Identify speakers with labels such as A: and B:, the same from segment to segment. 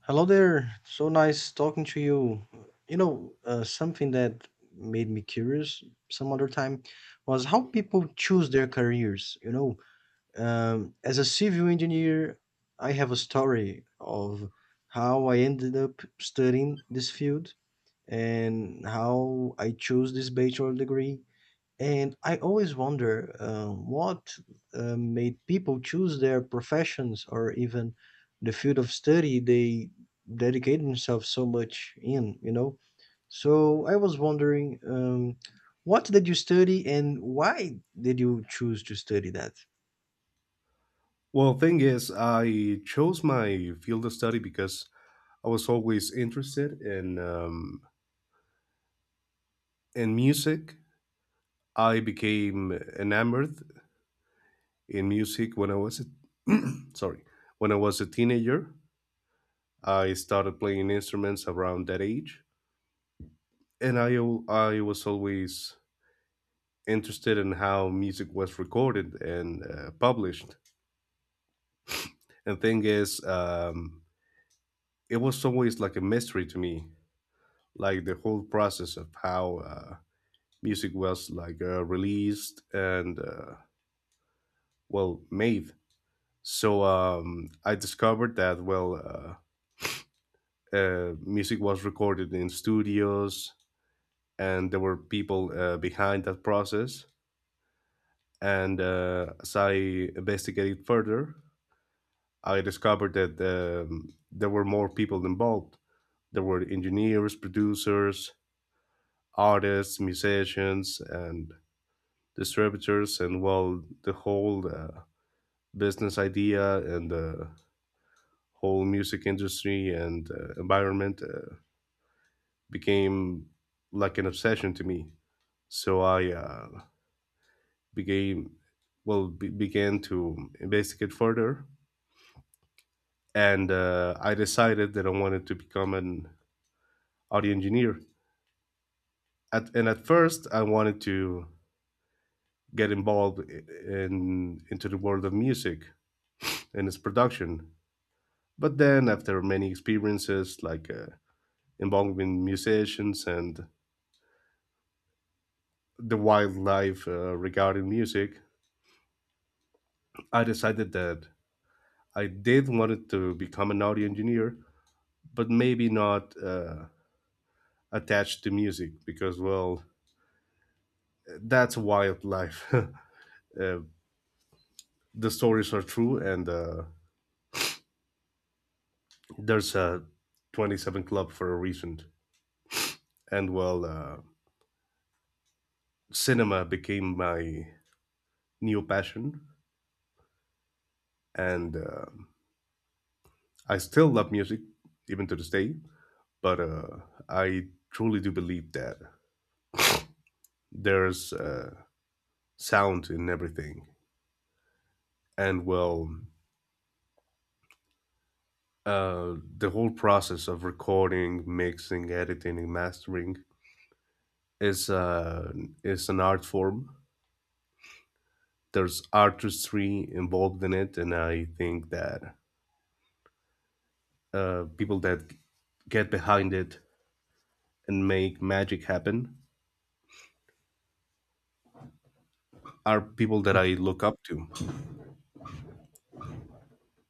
A: Hello there. So nice talking to you. Something that made me curious some other time was how people choose their careers. As a civil engineer, I have a story of how I ended up studying this field and how I chose this bachelor degree, and I always wonder what made people choose their professions or even the field of study they dedicate themselves so much in? So I was wondering, what did you study and why did you choose to study that?
B: Well, thing is, I chose my field of study because I was always interested in music. I became enamored in music sorry when I was a teenager. I started playing instruments around that age, and I was always interested in how music was recorded and published. And thing is, it was always like a mystery to me, like the whole process of how music was like released and well made. So I discovered that well, music was recorded in studios, and there were people behind that process. And as I investigated further, I discovered that there were more people involved. There were engineers, producers, artists, musicians, and distributors, and well, the whole business idea and the whole music industry and environment became like an obsession to me. So I became began to investigate further, and I decided that I wanted to become an audio engineer. And at first, I wanted to get involved I- in into the world of music and its production. But then, after many experiences, like involving musicians and the wildlife regarding music, I decided that I did wanted to become an audio engineer, but maybe not attached to music because, well, that's wildlife. The stories are true, and there's a 27 Club for a reason. And cinema became my new passion, and I still love music even to this day, but I truly do believe that there's sound in everything, and well, the whole process of recording, mixing, editing and mastering is uh, is an art form. There's artistry involved in it, and I think that people that get behind it and make magic happen are people that I look up to,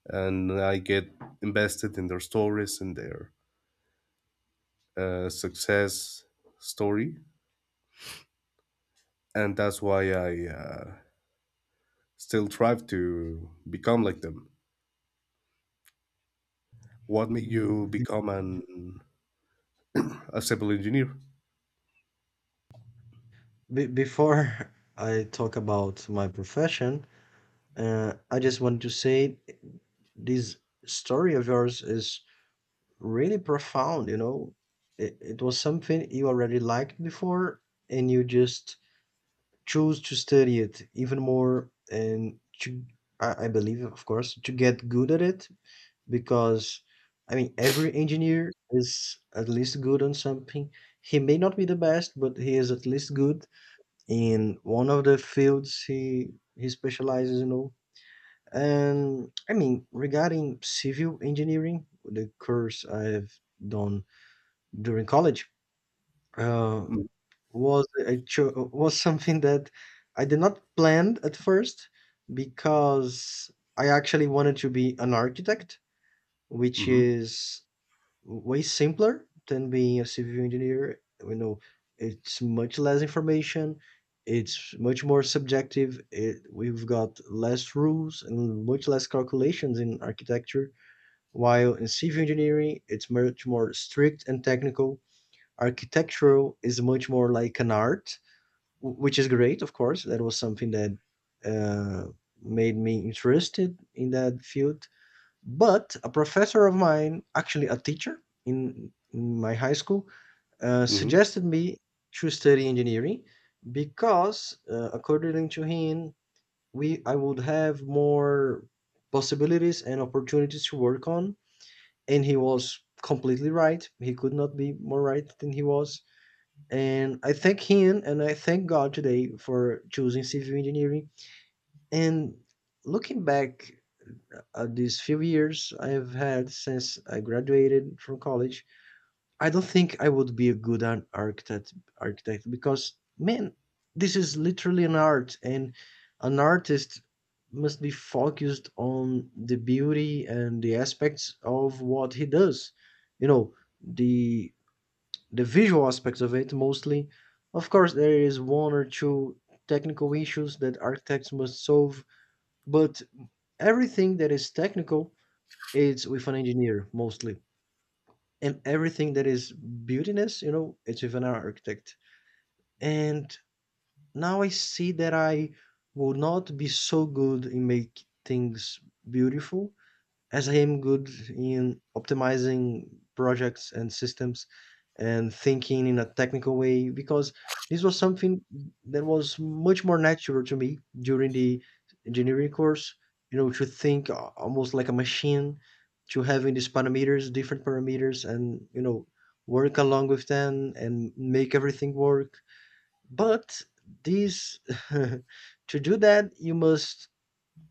B: and I get invested in their stories and their success story. And that's why I still strive to become like them. What made you
A: Be-
B: become an a civil engineer?
A: before I talk about my profession, I just want to say this story of yours is really profound. It was something you already liked before, and you just chose to study it even more and to I believe, of course, to get good at it, because I mean every engineer is at least good on something. He may not be the best, but he is at least good in one of the fields he specializes, and I mean regarding civil engineering the course I've done during college uh, was something that I did not plan at first, because I actually wanted to be an architect, which
B: Mm-hmm.
A: is way simpler than being a civil engineer. You know, it's much less information. It's much more subjective. It, we've got less rules and much less calculations in architecture. While in civil engineering, it's much more strict and technical. Architectural is much more like an art, which is great, of course. That was something that uh, made me interested in that field. But a professor of mine, actually a teacher in my high school,
B: Hmm.
A: suggested me to study engineering because, according to him, we I would have more possibilities and opportunities to work on. And he was completely right. He could not be more right than he was, and I thank him and I thank God today for choosing civil engineering. And looking back at these few years I've had since I graduated from college, I don't think I would be a good architect because man, this is literally an art, and an artist must be focused on the beauty and the aspects of what he does. You know, the the visual aspects of it mostly. Of course, there is one or two technical issues that architects must solve, but everything that is technical, it's with an engineer mostly. And everything that is beautiness, you know, it's with an architect. And now I see that I will not be so good in make things beautiful as I am good in optimizing projects and systems and thinking in a technical way, because this was something that was much more natural to me during the engineering course, you know, to think almost like a machine, to having these parameters, different parameters, and, you know, work along with them and make everything work. But these, to do that, you must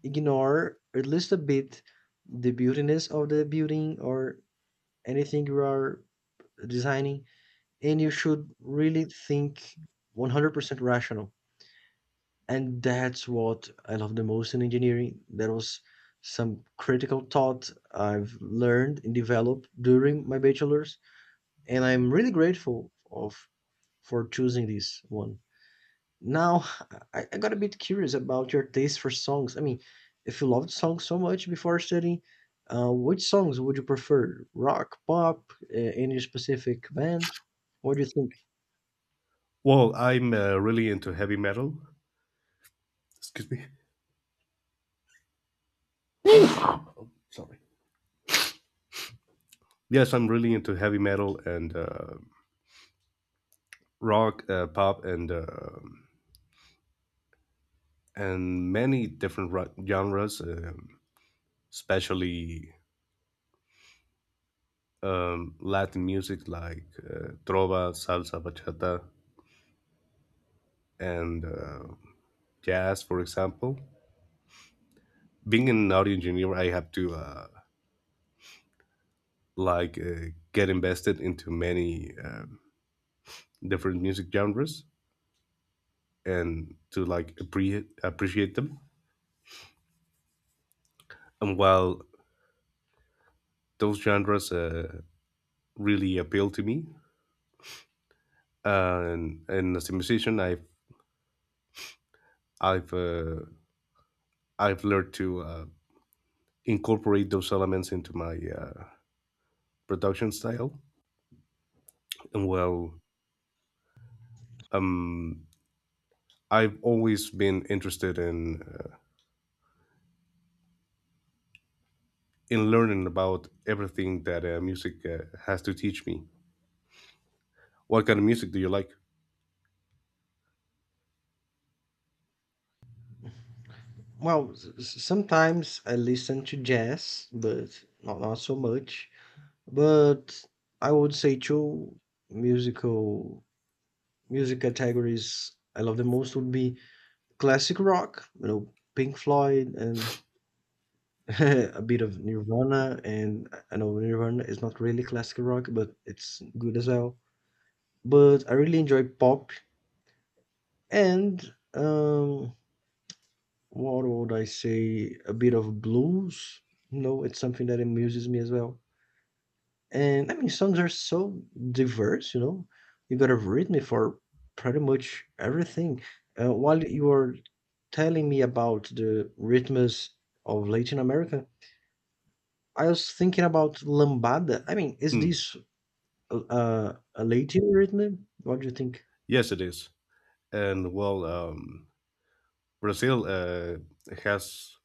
A: ignore at least a bit the beautiness of the building or anything you are designing, and you should really think 100% rational, and that's what I love the most in engineering. That was some critical thought I've learned and developed during my bachelor's, and I'm really grateful of for choosing this one. Now, I got a bit curious about your taste for songs. I mean, if you loved songs so much before studying, which songs would you prefer? Rock, pop, any specific band? What do you think?
B: Well, I'm really into heavy metal. Excuse me. Sorry. Yes, I'm really into heavy metal and rock, pop, and many different genres, especially Latin music like trova, salsa, bachata, and jazz, for example. Being an audio engineer, I have to get invested into many different music genres and to like appreciate them. And while those genres really appeal to me, and as a musician, i've uh, I've learned to incorporate those elements into my production style. And well um I've always been interested in learning about everything that music has to teach me. What kind of music do you like?
A: Well, sometimes I listen to jazz, but not so much. But I would say two musical music categories I love the most would be classic rock, you know, Pink Floyd and a bit of Nirvana, and I know Nirvana is not really classical rock, but it's good as well. But I really enjoy pop, and um, what would I say? A bit of blues. You know, it's something that amuses me as well. And I mean, songs are so diverse. You know, you got a rhythm for pretty much everything. While you were telling me about the rhythms of Latin America, I was thinking about lambada. I mean, is
B: Hmm.
A: this a native written? What do you think?
B: Yes, it is. And well, Brazil has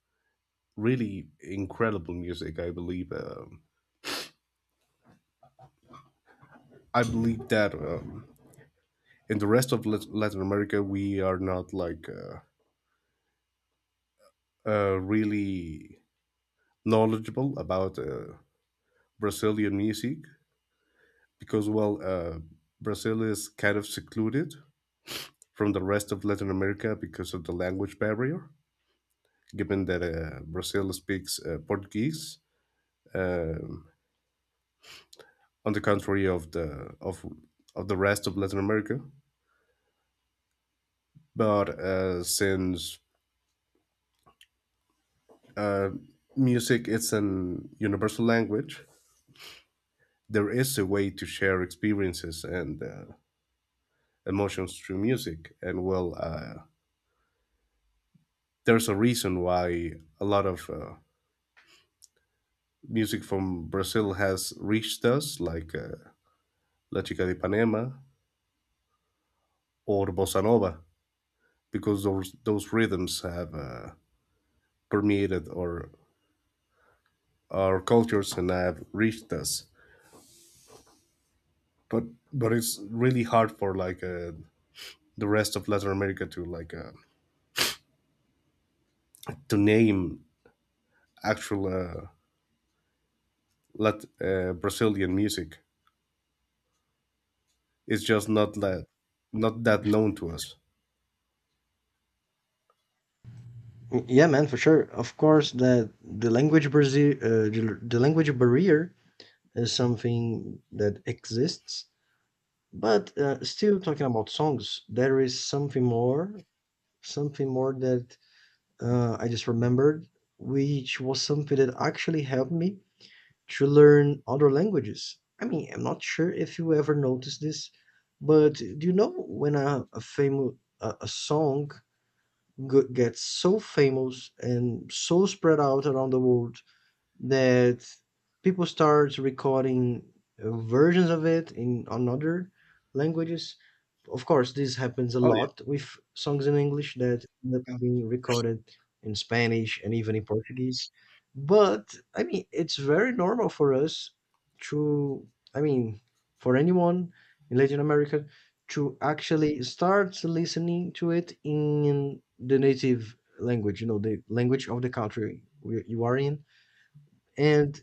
B: really incredible music, I believe. I believe that in the rest of Latin America, we are not like really knowledgeable about Brazilian music because, well, Brazil is kind of secluded from the rest of Latin America because of the language barrier. Given that Brazil speaks Portuguese, um on the contrary of the rest of Latin America. But since uh, music is an universal language, there is a way to share experiences and emotions through music. And there's a reason why a lot of music from Brazil has reached us, like La Chica de Ipanema or Bossa Nova, because those rhythms have permeated our cultures and have reached us. But but it's really hard for the rest of Latin America to name actual Brazilian music. It's just not that known to us.
A: Yeah, man, for sure. Of course, the language Brazil, the language barrier is something that exists. But still talking about songs, there is something more that I just remembered, which was something that actually helped me to learn other languages. I mean, I'm not sure if you ever noticed this, but do you know when a famous a song gets so famous and so spread out around the world that people start recording versions of it in on other languages. Of course, this happens a
B: Oh yeah,
A: lot with songs in English that end up being recorded in Spanish and even in Portuguese. But I mean, it's very normal for us to, I mean, for anyone in Latin America to actually start listening to it in the native language, you know, the language of the country you are in, and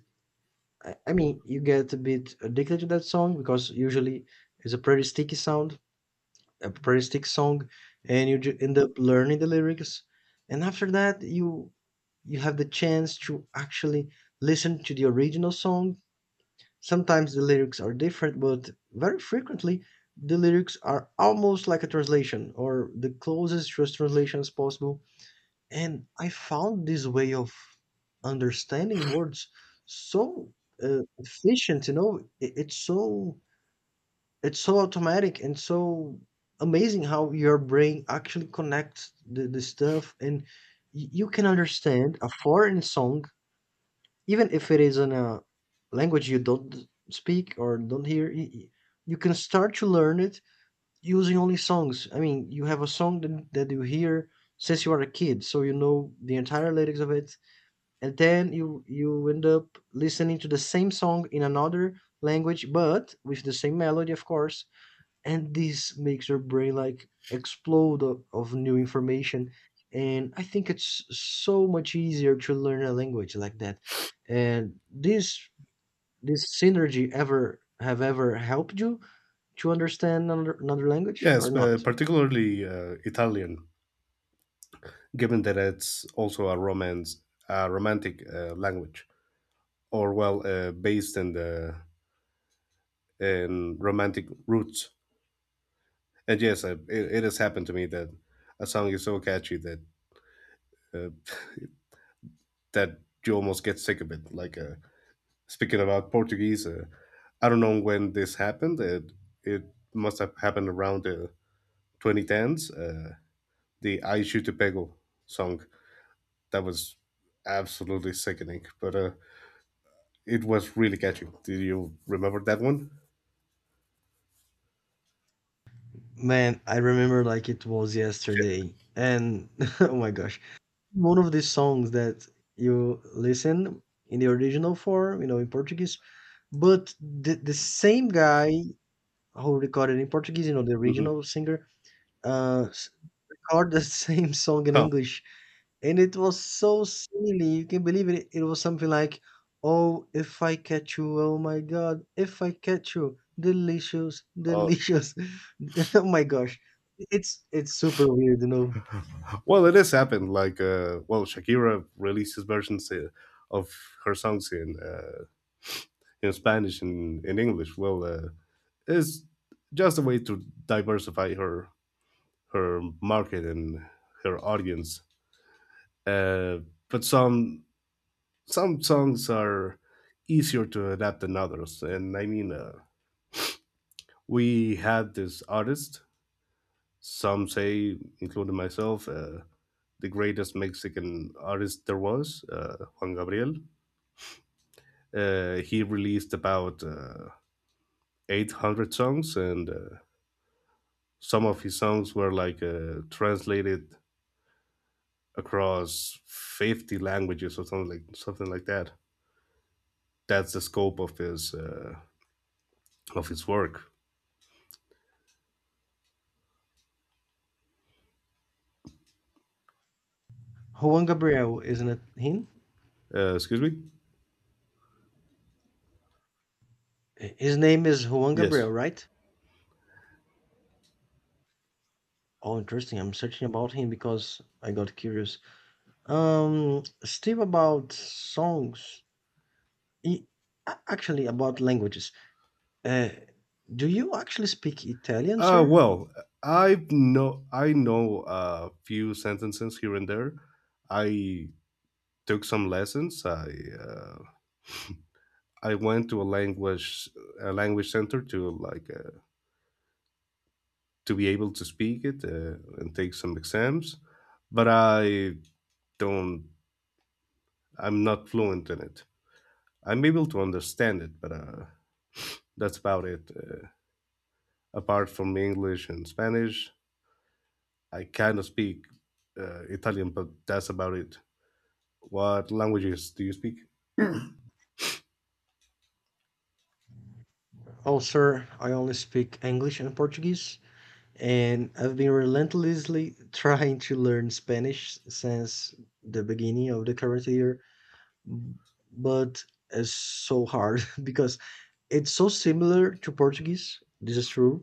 A: I mean you get a bit addicted to that song because usually it's a pretty sticky sound a pretty sticky song, and you end up learning the lyrics, and after that you have the chance to actually listen to the original song. Sometimes the lyrics are different, but very frequently the lyrics are almost like a translation or the closest to a translation as possible, and I found this way of understanding words so efficient, you know, it's so automatic and so amazing how your brain actually connects the stuff, and y- you can understand a foreign song even if it is in a language you don't speak or don't hear. You can start to learn it using only songs. I mean, you have a song that you hear since you are a kid, so you know the entire lyrics of it, and then you end up listening to the same song in another language, but with the same melody, of course, and this makes your brain like explode of new information, and I think it's so much easier to learn a language like that. And this synergy ever have ever helped you to understand another language or
B: yes,
A: not?
B: particularly Italian, given that it's also a romance, a romantic language, or well, based in romantic roots. And yes, it has happened to me that a song is so catchy that uh, that you almost get sick of it. Speaking about Portuguese, I don't know when this happened. It must have happened around the 2010s. The Aishu Te Pego song that was absolutely sickening, but it was really catchy. Do you remember that one?
A: Man, I remember like it was yesterday and oh my gosh, one of these songs that you listen in the original form, you know, in Portuguese, but the same guy who recorded in Portuguese, you know, the
B: Yeah. Hmm.
A: original singer, uh, s- recorded the same song in
B: Huh.
A: English, and it was so silly. You can believe it. It was something like, "Oh, if I catch you, oh my God, if I catch you, delicious,
B: Uh,
A: delicious." Oh my gosh, it's super weird, you know.
B: well, it has happened. Like, well, Shakira releases versions of her songs in Spanish and in English. Well, it's just a way to diversify her market and her audience. Uh, but some songs are easier to adapt than others, and I mean, we had this artist. Some say, including myself, the greatest Mexican artist there was, Juan Gabriel. He released about 800 songs, and some of his songs were translated across 50 languages, or something like that. That's the scope of his work.
A: Juan Gabriel, isn't it him?
B: Excuse me.
A: His name is Juan
B: Yes,
A: Gabriel, right? Oh, interesting. I'm searching about him because I got curious. Still about songs. E- actually, about languages. Uh, do you actually speak Italian,
B: uh
A: sir?
B: well I know a few sentences here and there. I took some lessons. I uh, i went to a language center to be able to speak it and take some exams. But i don't I'm not fluent in it. I'm able to understand it, but that's about it. Apart from English and Spanish, I kind of speak Italian, but that's about it. What languages do you speak?
A: Oh, sir, I only speak English and Portuguese, and I've been relentlessly trying to learn Spanish since the beginning of the current year, b- but it's so hard because it's so similar to Portuguese, this is true,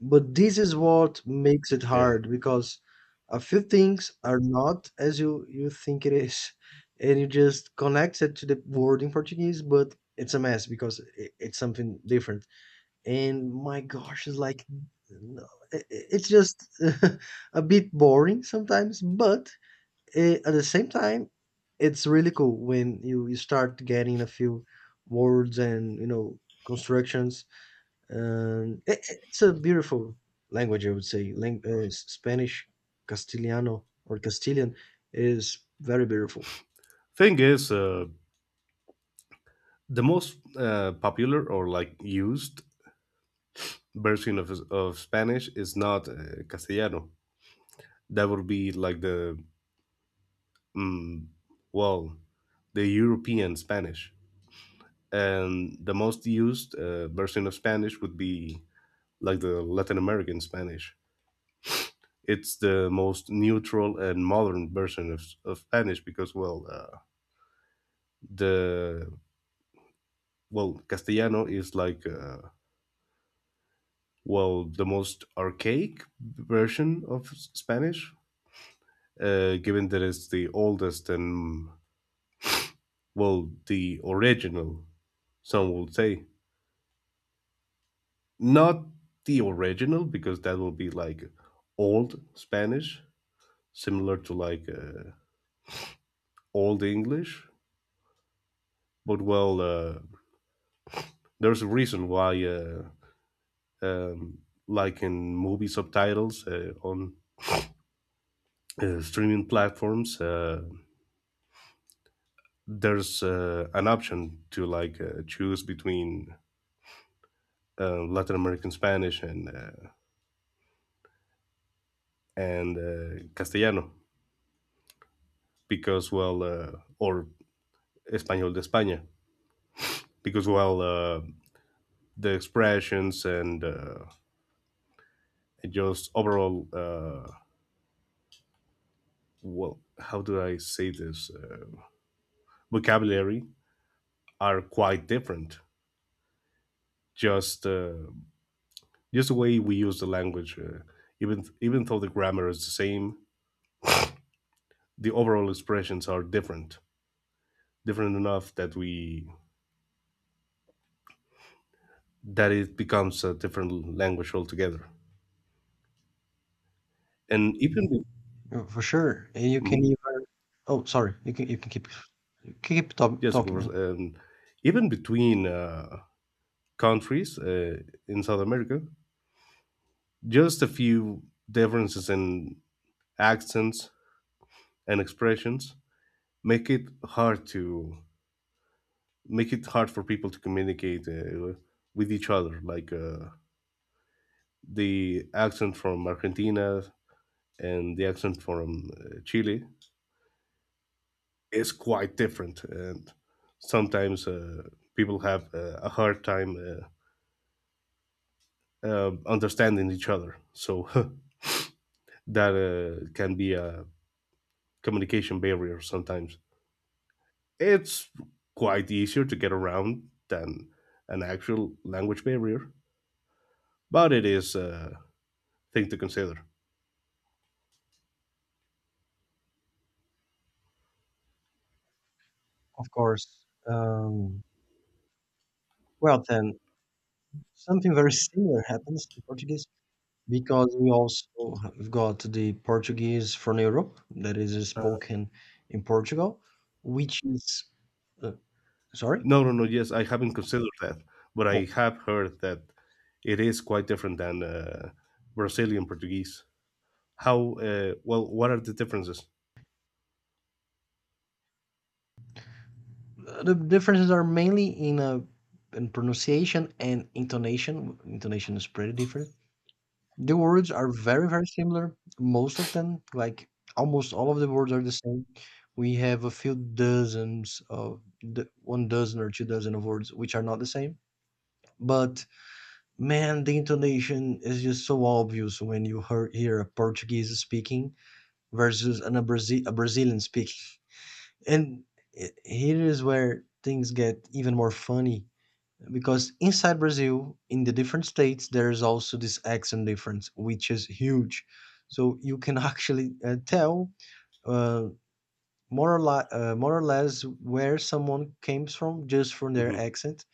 A: but this is what makes it
B: Yeah.
A: hard because a few things are not as you think it is, and you just connect it to the word in Portuguese, but it's a mess because it's something different. And my gosh, it's like, no, it's just a bit boring sometimes, but at the same time, it's really cool when you start getting a few words, and you know, constructions, and it's a beautiful language. I would say Spanish, castellano or castilian, is very beautiful.
B: Thing is, the most popular or like used version of Spanish is not Castellano. That would be like mm, well, the European Spanish. And the most used version of Spanish would be like the Latin American Spanish. It's the most neutral and modern version of Spanish, because the well, Castellano is the most archaic version of Spanish, given that it's the oldest and well the original. Some would say not the original, because that will be like old Spanish, similar to old English. But well, there's a reason why um, like in movie subtitles on streaming platforms. There's an option to choose between Latin American Spanish and Castellano, because well, or Español de España, because well, the expressions and just overall, well, how do I say this, vocabulary, are quite different. Just uh, just the way we use the language, even though the grammar is the same, the overall expressions are different, different enough that we that it becomes a different language altogether. And even be-
A: For sure. And you
B: Mhm.
A: can even oh sorry, you can keep
B: Yes, of
A: talking,
B: course,
A: man.
B: and even between countries in South America, just a few differences in accents and expressions make it hard for people to communicate with each other, like. The accent from Argentina and the accent from Chile is quite different, and sometimes people have a hard time understanding each other. So, that can be a communication barrier sometimes. It's quite easier to get around than an actual language barrier, but it is a thing to consider.
A: Of course. Um, well then something very similar happens in Portuguese, because we also have got the Portuguese from Europe that is spoken in Portugal, which is uh, sorry?
B: No, no, no. Yes, I haven't considered that, but I
A: Well,
B: have heard that it is quite different than Brazilian Portuguese. How? Well, what are the differences?
A: the differences are mainly in pronunciation and intonation. Intonation is pretty different. The words are very, very similar. Most of them, like almost all of the words, are the same. We have a few dozens of one dozen or two dozen of words which are not the same. But man, the intonation is just so obvious when you hear a Portuguese speaking versus a Brazilian speaking. And here is where things get even more funny because inside Brazil, in the different states, there is also this accent difference, which is huge. So you can actually tell uh, more or less where someone came from just from their
B: Hmm.
A: accent,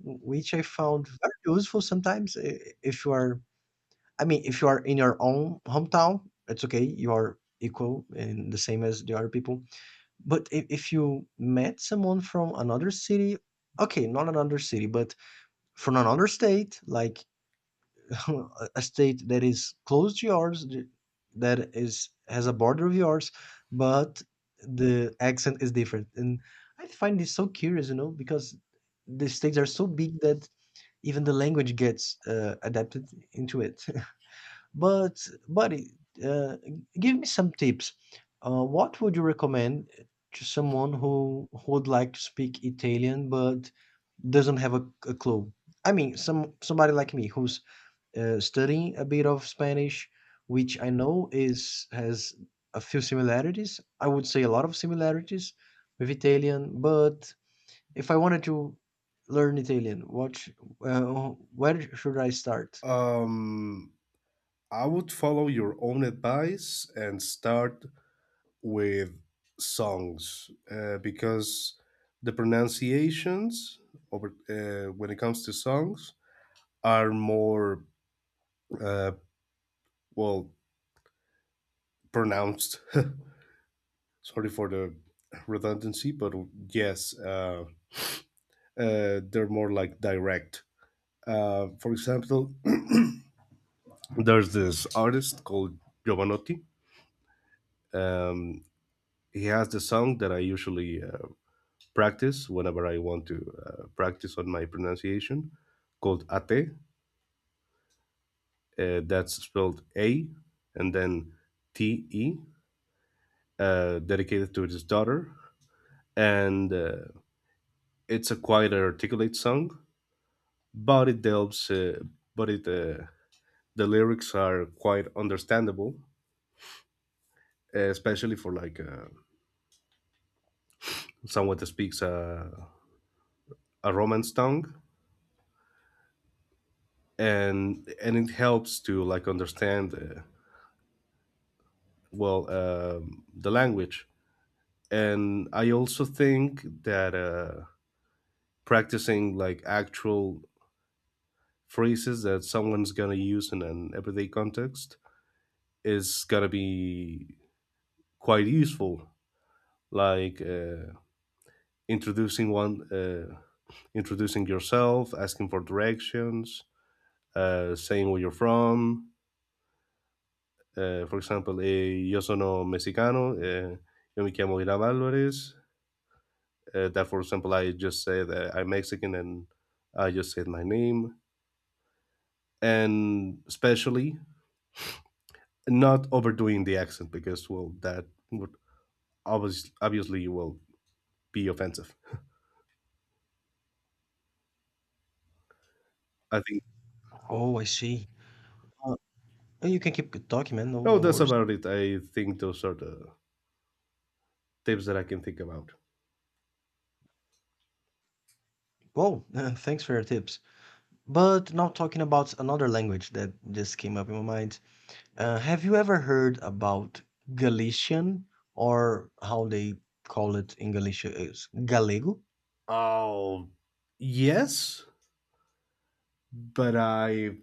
A: which I found very useful sometimes. If you are, I mean, if you are in your own hometown, it's okay. You are equal and the same as the other people. But if you met someone from another city, okay, not another city, but from another state, like a state that is close to yours, that is has a border of yours, but the accent is different. And I find this so curious, you know, because the states are so big that even the language gets adapted into it. But, buddy, uh, give me some tips. What would you recommend to someone who would like to speak Italian but doesn't have a clue? I mean, some somebody like me who's studying a bit of Spanish, which I know is has a few similarities. I would say a lot of similarities with Italian, but if I wanted to learn Italian, uh, where should I start?
B: Um, I would follow your own advice and start with songs, because the pronunciations, over when it comes to songs, are more uh, well pronounced. Sorry for the redundancy, but yes, they're more like direct. For example, there's this artist called Giovanotti. Um, he has the song that I usually practice whenever I want to practice on my pronunciation, called Ate. That's spelled A and then T E, dedicated to his daughter. And it's a quite articulate song, but it delves, but it the lyrics are quite understandable, especially for someone that speaks a Romance tongue, and it helps to like understand the language. And I also think that practicing like actual phrases that someone's gonna use in an everyday context is gonna be quite useful. Like. Uh, introducing one, uh, introducing yourself, asking for directions, saying where you're from. For example, yo sono mexicano. Yo me llamo Irán Alvarez. That, for example, I just said I'm Mexican, and I just said my name. And especially not overdoing the accent because, well, that would obviously will be offensive. I think.
A: Oh, I see. You can keep talking, man. No,
B: No,
A: no
B: that's
A: worries.
B: about it. I think those are the tips that I can think about.
A: Well, thanks for your tips. But now talking about another language that just came up in my mind. Have you ever heard about Galician, or how they call it in Galicia is Galego?
B: Oh, yes, but I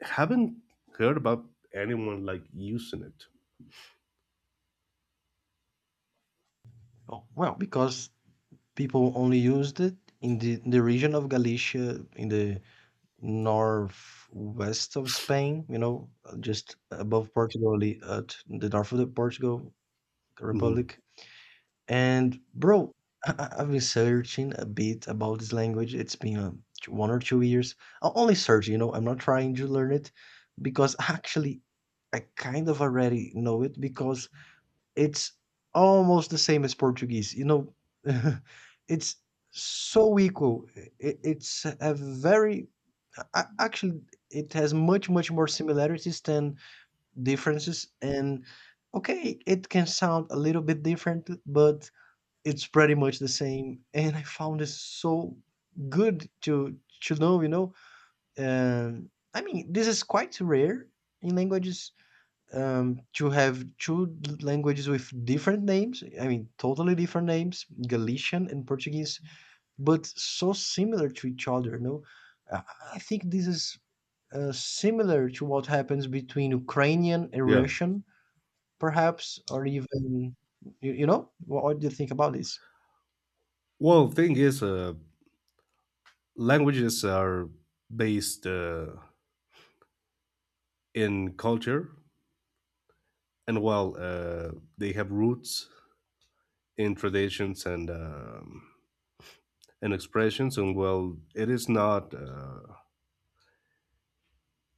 B: haven't heard about anyone like using it.
A: Oh, well, because people only used it in the region of Galicia in the northwest of Spain, you know, just above Portugal, at the north of the Portugal
B: Hmm.
A: Republic. And bro, I've been searching a bit about this language. It's been 1 or 2 years. Only search, you know. I'm not trying to learn it because actually, I kind of already know it because it's almost the same as Portuguese. You know, it's so equal. It's a very actually it has much more similarities than differences, and okay it can sound a little bit different but it's pretty much the same, and I found it so good to know, you know? I mean, this is quite rare in languages, to have two l languages with different names, I mean, totally different names, Galician and Portuguese, but so similar to each other, you know? Uh, I think this is, similar to what happens between Ukrainian and
B: Yeah.
A: Russian, perhaps, or even you know? What do you think about this?
B: Well, thing is, languages are based in culture, and while they have roots in traditions and expressions, and well, it is not.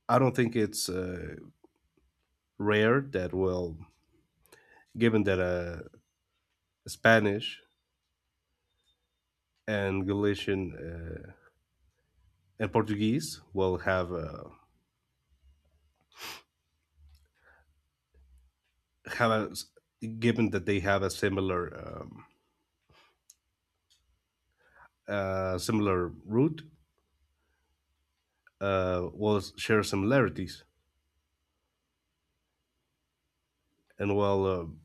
B: I don't think it's rare that, well, given that Spanish and Galician. And Portuguese will have a, given that they have a similar root, will share similarities. And well,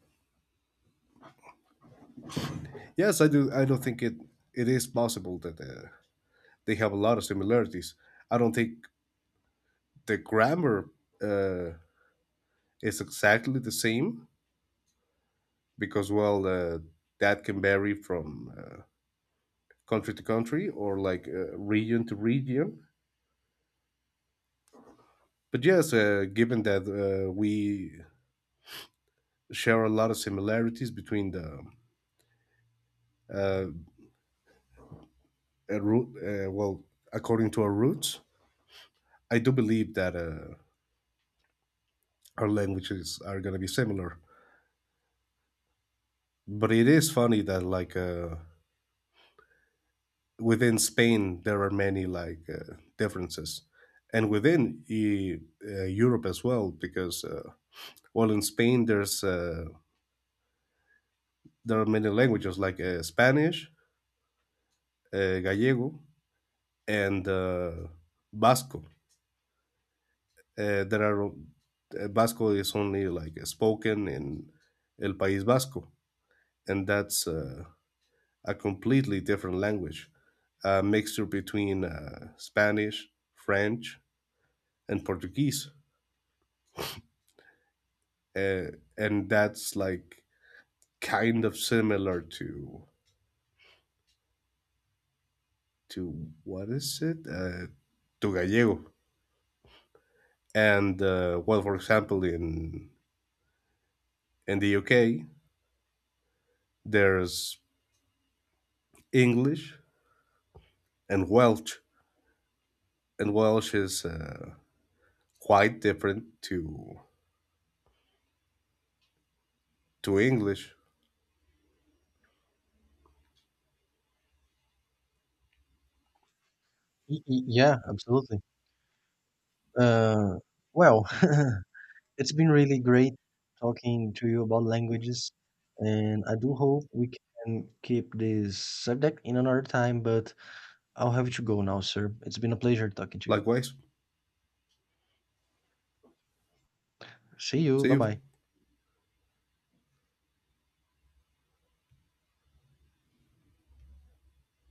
B: yes, I don't think it is possible that they have a lot of similarities. I don't think the grammar uh, is exactly the same because well, that can vary from country to country, or region to region. But yes, given that we share a lot of similarities between the uh, root. Well, according to our roots, I do believe that our languages are going to be similar. But it is funny that within Spain there are many differences, and within Europe as well, because well, in Spain there are many languages like Spanish, Gallego, and Basco. There are Basco is only like spoken in El País Vasco, and that's a completely different language, a mixture between Spanish, French, and Portuguese, uh, and that's kind of similar to what is it to Gallego. And well, for example, in the UK, there's English and Welsh, and Welsh is quite different to English.
A: Y y yeah, absolutely. Uh, well, it's been really great talking to you about languages, and I do hope we can keep this subject in another time, but I'll have to go now, sir. It's been a pleasure talking to you.
B: Likewise,
A: See you.
B: see
A: Bye
B: you.
A: bye.